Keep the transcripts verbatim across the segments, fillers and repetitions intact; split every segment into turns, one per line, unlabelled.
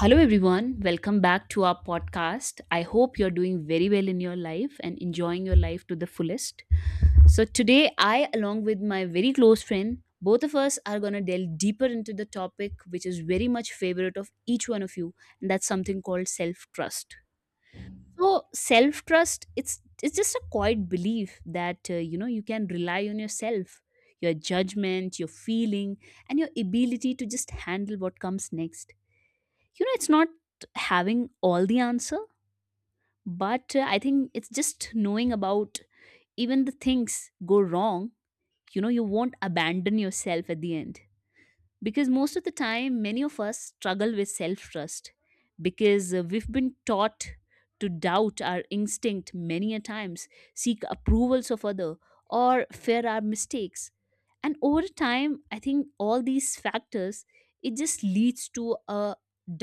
Hello, everyone. Welcome back to our podcast. I hope you're doing very well in your life and enjoying your life to the fullest. So, today, I, along with my very close friend, both of us are going to delve deeper into the topic which is very much favorite of each one of you, and that's something called self trust. So self trust, it's it's just a quiet belief that uh, you know you can rely on yourself, your judgment, your feeling, and your ability to just handle what comes next. You know it's not having all the answer, but uh, I think it's just knowing about, even the things go wrong, you know you won't abandon yourself at the end. Because most of the time, many of us struggle with self trust, because uh, we've been taught to doubt our instinct many a times, seek approvals of other, or fear our mistakes. And over time, I think all these factors, it just leads to a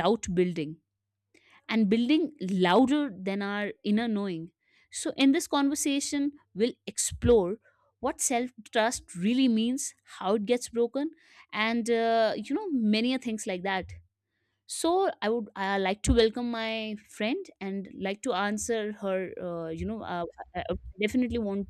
doubt building and building louder than our inner knowing. So, in this conversation, we'll explore what self trust really means, how it gets broken, and uh, you know, many a things like that. So i would I like to welcome my friend and like to answer her uh, you know uh, I, I definitely want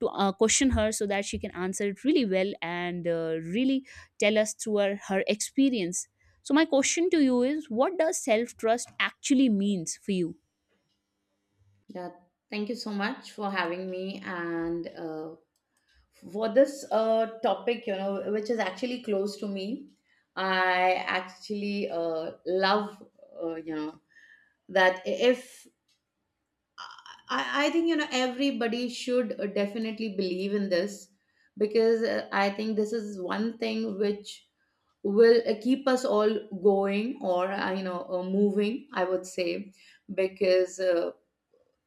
to uh, question her so that she can answer it really well, and uh, really tell us through her, her experience. So my question to you is, what does self trust actually means for you?
Yeah, thank you so much for having me and uh, for this uh, topic, you know, which is actually close to me. I actually uh, love, uh, you know, that if I, I think, you know, everybody should uh, definitely believe in this, because uh, I think this is one thing which will uh, keep us all going, or, uh, you know, uh, moving, I would say, because. Uh,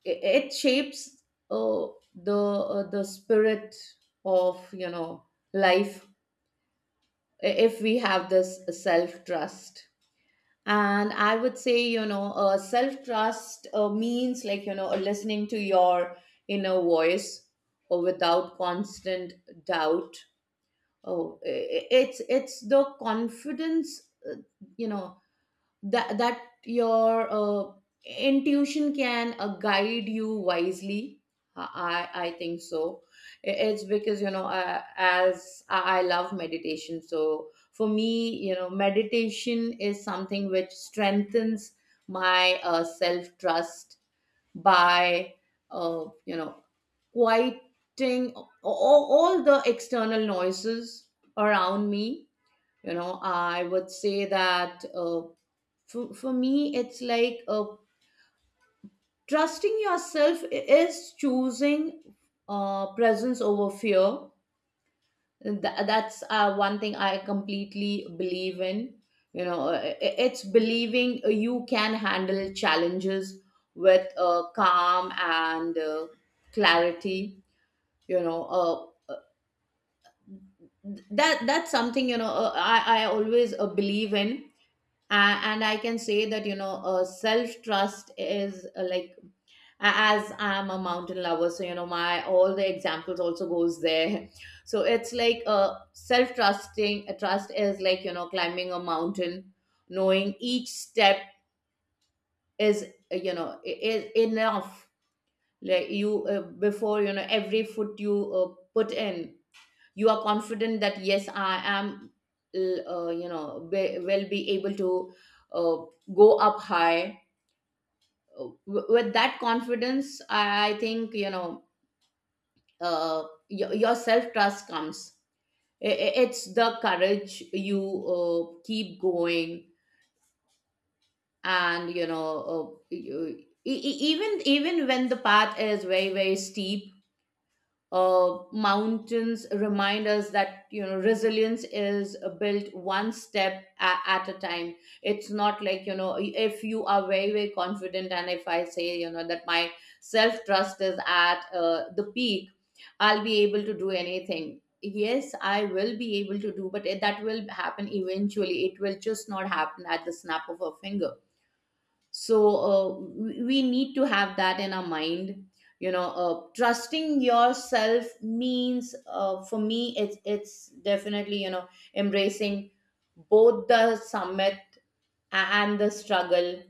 it, it shapes uh, the uh, the spirit of you know life, i- if we have this self trust. And I would say, you know uh, self trust uh, means, like, you know listening to your inner voice, or without constant doubt. Oh i- i- it's it's the confidence, uh, you know that that your uh, intuition can uh, guide you wisely. I i I think so. I- it's because, you know uh, as i I love meditation, so for me, you know meditation is something which strengthens my uh, self trust by uh, you know quieting all, all the external noises around me. You know, I would say that, uh, for, for me, it's like uh, trusting yourself i- is choosing uh, presence over fear. Th- that's uh, one thing I completely believe in. you know uh, i- it's believing you can handle challenges with uh, calm and uh, clarity. you know uh, that that's something, you know uh, i i always uh, believe in. Uh, and I can say that, you know uh, self trust is uh, like, as I'm a mountain lover, so, you know my all the examples also goes there. So it's like, uh, self trusting uh, trust is like, you know climbing a mountain, knowing each step is uh, you know i- is enough. Like, you, uh, before, you know every foot you uh, put in, you are confident that, yes, I am l- uh, you know be- will be able to uh, go up high. Uh, w- with that confidence, i I think, you know uh, your, your self trust comes. I- i- it's the courage, you uh, keep going, and, you know uh, you- e- e- even even when the path is very very steep. Uh, mountains remind us that, you know resilience is uh, built one step a- at a time. It's not like, you know if you are very very confident, and if I say, you know that my self trust is at uh, the peak, I'll be able to do anything. Yes, I will be able to do, but it- that will happen eventually. It will just not happen at the snap of a finger. So uh, we we need to have that in our mind. You know uh, trusting yourself means, uh, for me, it's it's definitely, you know embracing both the summit and the struggle.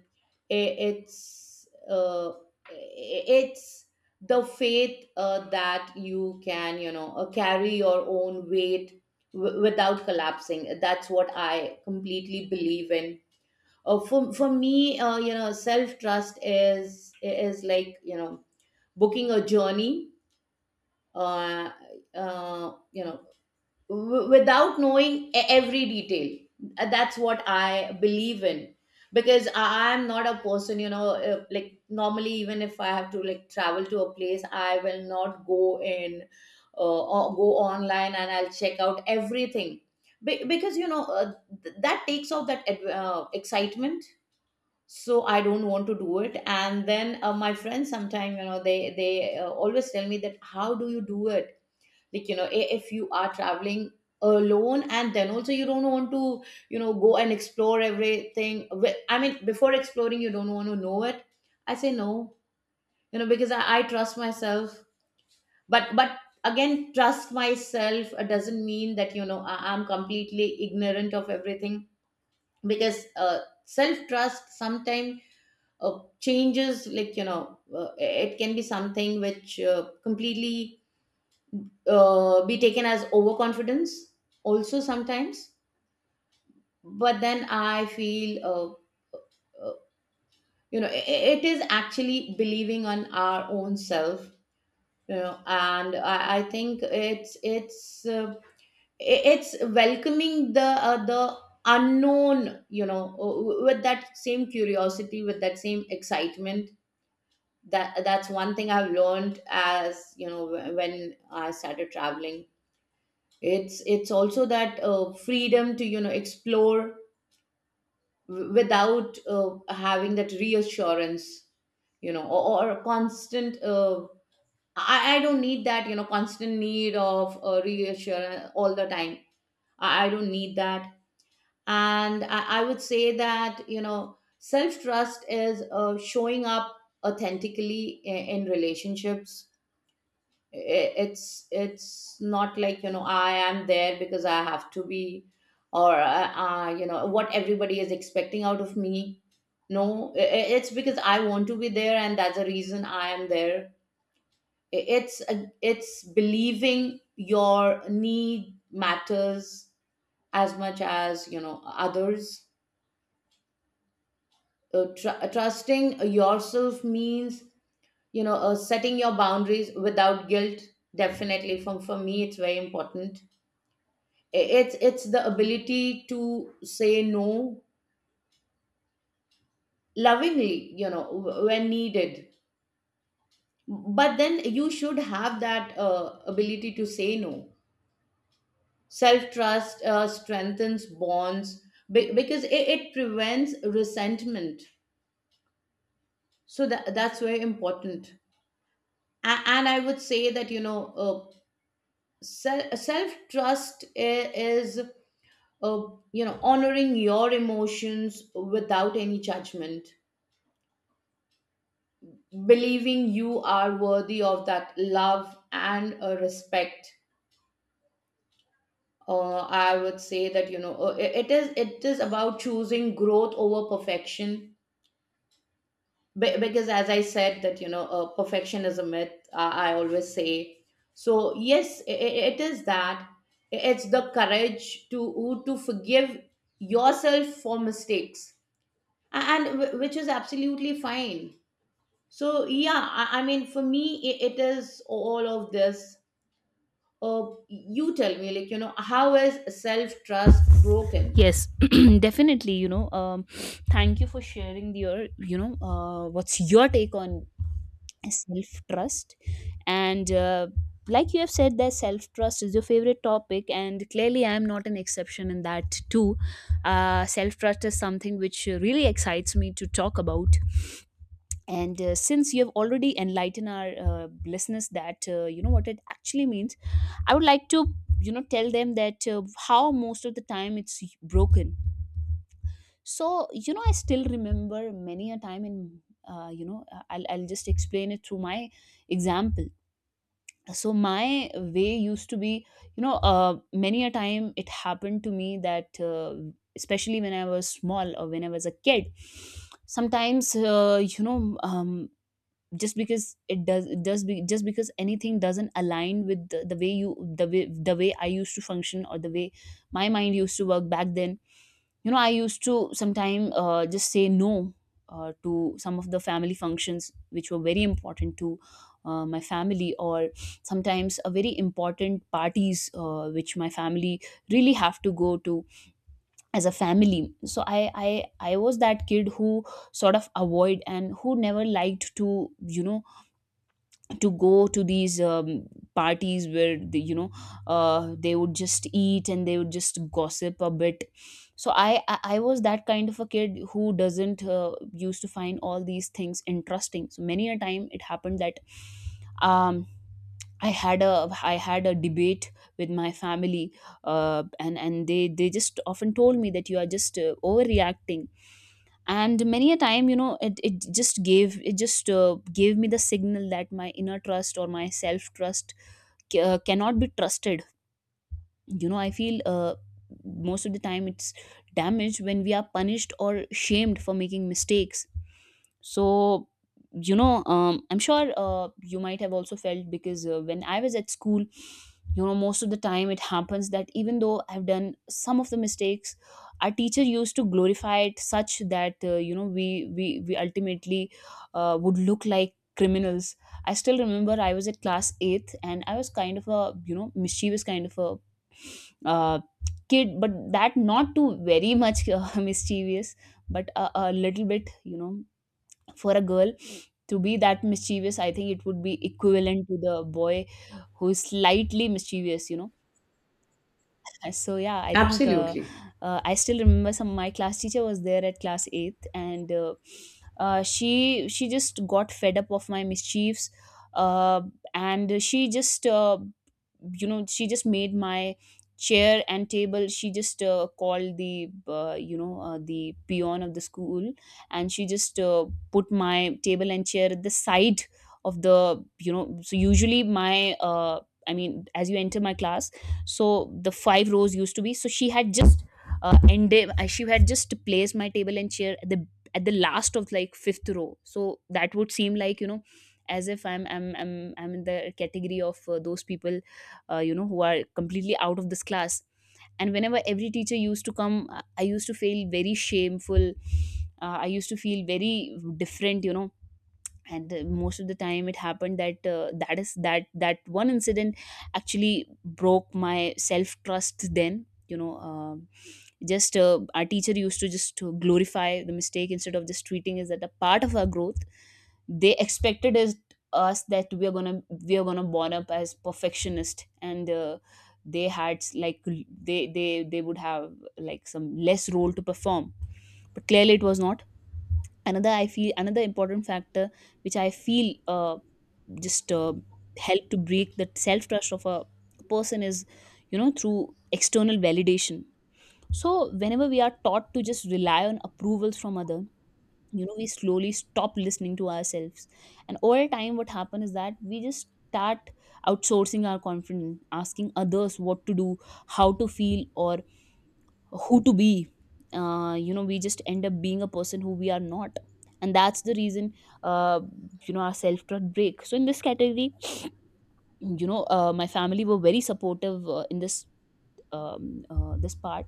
I- it's uh, i- it's the faith, uh, that you can, you know uh, carry your own weight w- without collapsing. That's what I completely believe in. Uh, for for me, uh, you know self trust is is like, you know booking a journey, uh, uh, you know w- without knowing e- every detail. Uh, that's what I believe in, because I am not a person, you know uh, like, normally, even if I have to, like, travel to a place, I will not go in, uh, or go online and I'll check out everything. Be- because, you know uh, th- that takes off that, ad- uh, excitement. So I don't want to do it. And then, uh, my friends sometime, you know they they uh, always tell me that, how do you do it? Like, you know i- if you are traveling alone, and then also you don't want to, you know go and explore everything. Wh- I mean, before exploring, you don't want to know it. I say no. You know, because i, I trust myself. But but again, trust myself uh, doesn't mean that, you know, I, i'm completely ignorant of everything. Because uh, self trust sometimes uh, changes, like, you know uh, it can be something which uh, completely uh, be taken as overconfidence also, sometimes. But then I feel, uh, uh, you know i i- it is actually believing on our own self. You know, and i, I think it's it's uh, i- it's welcoming the uh, the unknown, you know uh, with that same curiosity, with that same excitement. That that's one thing I've learned, as you know, wh- when I started traveling. It's it's also that uh, freedom to, you know explore w- without uh, having that reassurance, you know or, or a constant, uh, I, I don't need that, you know constant need of uh, reassurance all the time. I, I don't need that. And I, I would say that, you know self-trust is uh, showing up authentically in, in relationships. i- it's it's not like, you know I am there because I have to be, or, uh, uh, you know what everybody is expecting out of me. No, i- i- it's because I want to be there, and that's the reason I am there. I- it's a- it's believing your need matters as much as, you know, others. Uh, tr- trusting yourself means, you know uh, setting your boundaries without guilt. Definitely, for, for me, it's very important. It's it's the ability to say no, lovingly, you know w- when needed. But then you should have that uh, ability to say no. Self trust uh, strengthens bonds, be- because it, it prevents resentment. So that that's very important. A- and I would say that, you know uh, self trust is, uh, you know honoring your emotions without any judgment, believing you are worthy of that love and uh, respect. uh, I would say that, you know uh, it it is it is about choosing growth over perfection. Be- because, as I said that, you know uh, perfection is a myth, i, I always say. So, yes, i i- it is that. It's the courage to to forgive yourself for mistakes, and and which is absolutely fine. So, yeah, i, I mean, for me, it, it is all of this. Uh, you tell me, like, you know, how is self trust broken?
Yes, definitely. You know, um, thank you for sharing your, you know, uh, what's your take on self trust? And uh, like you have said, that self trust is your favorite topic, and clearly, I'm not an exception in that too. Uh, self trust is something which really excites me to talk about. And uh, since you have already enlightened our uh, listeners that uh, you know what it actually means, I would like to you know tell them that uh, how most of the time it's broken. So you know I still remember many a time. In uh, you know uh, I'll, I'll just explain it through my example. So my way used to be, you know uh, many a time it happened to me that uh, especially when I was small or when I was a kid, sometimes uh, you know um, just because it does it does be, just because anything doesn't align with the, the way you the way the way I used to function, or the way my mind used to work back then. You know, I used to sometime uh, just say no uh, to some of the family functions which were very important to uh, my family, or sometimes a very important parties uh, which my family really have to go to as a family. So I, I i was that kid who sort of avoid and who never liked to, you know to go to these um, parties where the, you know uh, they would just eat and they would just gossip a bit. So i i, I was that kind of a kid who doesn't uh, used to find all these things interesting, so many a time it happened that, um I had a I had a debate with my family, uh, and and they they just often told me that you are just uh, overreacting. And many a time, you know, it, it just gave it just uh, gave me the signal that my inner trust or my self trust uh, cannot be trusted. you know I feel uh, most of the time it's damaged when we are punished or shamed for making mistakes. So you know um, I'm sure uh, you might have also felt, because uh, when I was at school, you know most of the time it happens that, even though I've done some of the mistakes, our teacher used to glorify it such that, uh, you know we we we ultimately uh, would look like criminals. I still remember, I was at class eighth, and I was kind of a, you know, mischievous kind of a uh, kid, but that not too very much, uh, mischievous, but a, a little bit, you know. For a girl to be that mischievous, I think it would be equivalent to the boy who's slightly mischievous, you know. So yeah, I think, uh,
Absolutely.
uh, I still remember, some my class teacher was there at class eighth, and uh, uh, she she just got fed up of my mischiefs. uh, and she just, uh, you know she just made my chair and table, she just uh, called the uh, you know uh, the peon of the school, and she just uh, put my table and chair at the side of the, you know. So usually my uh, I mean, as you enter my class, so the five rows used to be, so she had just uh, ended uh, she had just placed my table and chair at the at the last of like fifth row. So that would seem like, you know, as if i'm i'm i'm, I'm in the category of uh, those people, uh, you know, who are completely out of this class. And whenever every teacher used to come, i I used to feel very shameful. uh, I used to feel very different, you know. And the, most of the time it happened that, uh, that is that that one incident actually broke my self trust then, you know. Um just uh, our teacher used to just to glorify the mistake instead of just treating it as a part of our growth. They expected us, us that we are gonna we are gonna born up as perfectionist, and uh, they had like they they they would have like some less role to perform, but clearly it was not. Another, I feel, another important factor, which I feel uh, just uh, help to break that self trust of a person is, you know, through external validation. So whenever we are taught to just rely on approvals from other, you know, we slowly stop listening to ourselves, and over time what happens is that we just start outsourcing our confidence, asking others what to do, how to feel, or who to be. Uh, you know we just end up being a person who we are not, and that's the reason, uh, you know our self trust break. So in this category, you know, uh, my family were very supportive uh, in this, um, uh, this part.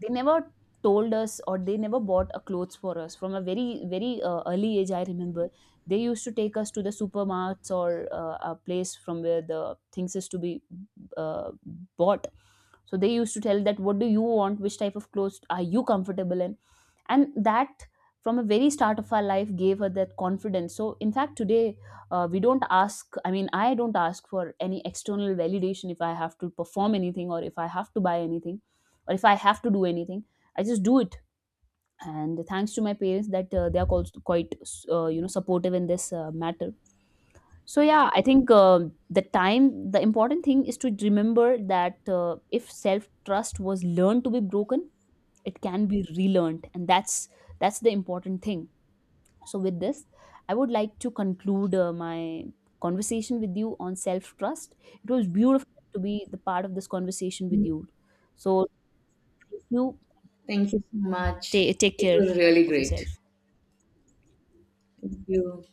They never told us or they never bought a clothes for us from a very very uh, early age, I remember. They used to take us to the supermarkets or uh, a place from where the things is to be uh, bought. So they used to tell that, what do you want, which type of clothes are you comfortable in. And that, from a very start of our life, gave her that confidence. So in fact today, uh, we don't ask, I mean, I don't ask for any external validation if I have to perform anything, or if I have to buy anything, or if I have to do anything. I just do it. And thanks to my parents that uh, they are called quite uh, you know, supportive in this uh, matter. So yeah, I think, um the time, the important thing is to remember that uh, if self trust was learned to be broken, it can be relearned, and that's that's the important thing. So with this, I would like to conclude uh, my conversation with you on self trust. It was beautiful to be the part of this conversation with you. So thank you.
Thank you so much.
Ta take
It
care
was really
of yourself.
great. Thank you.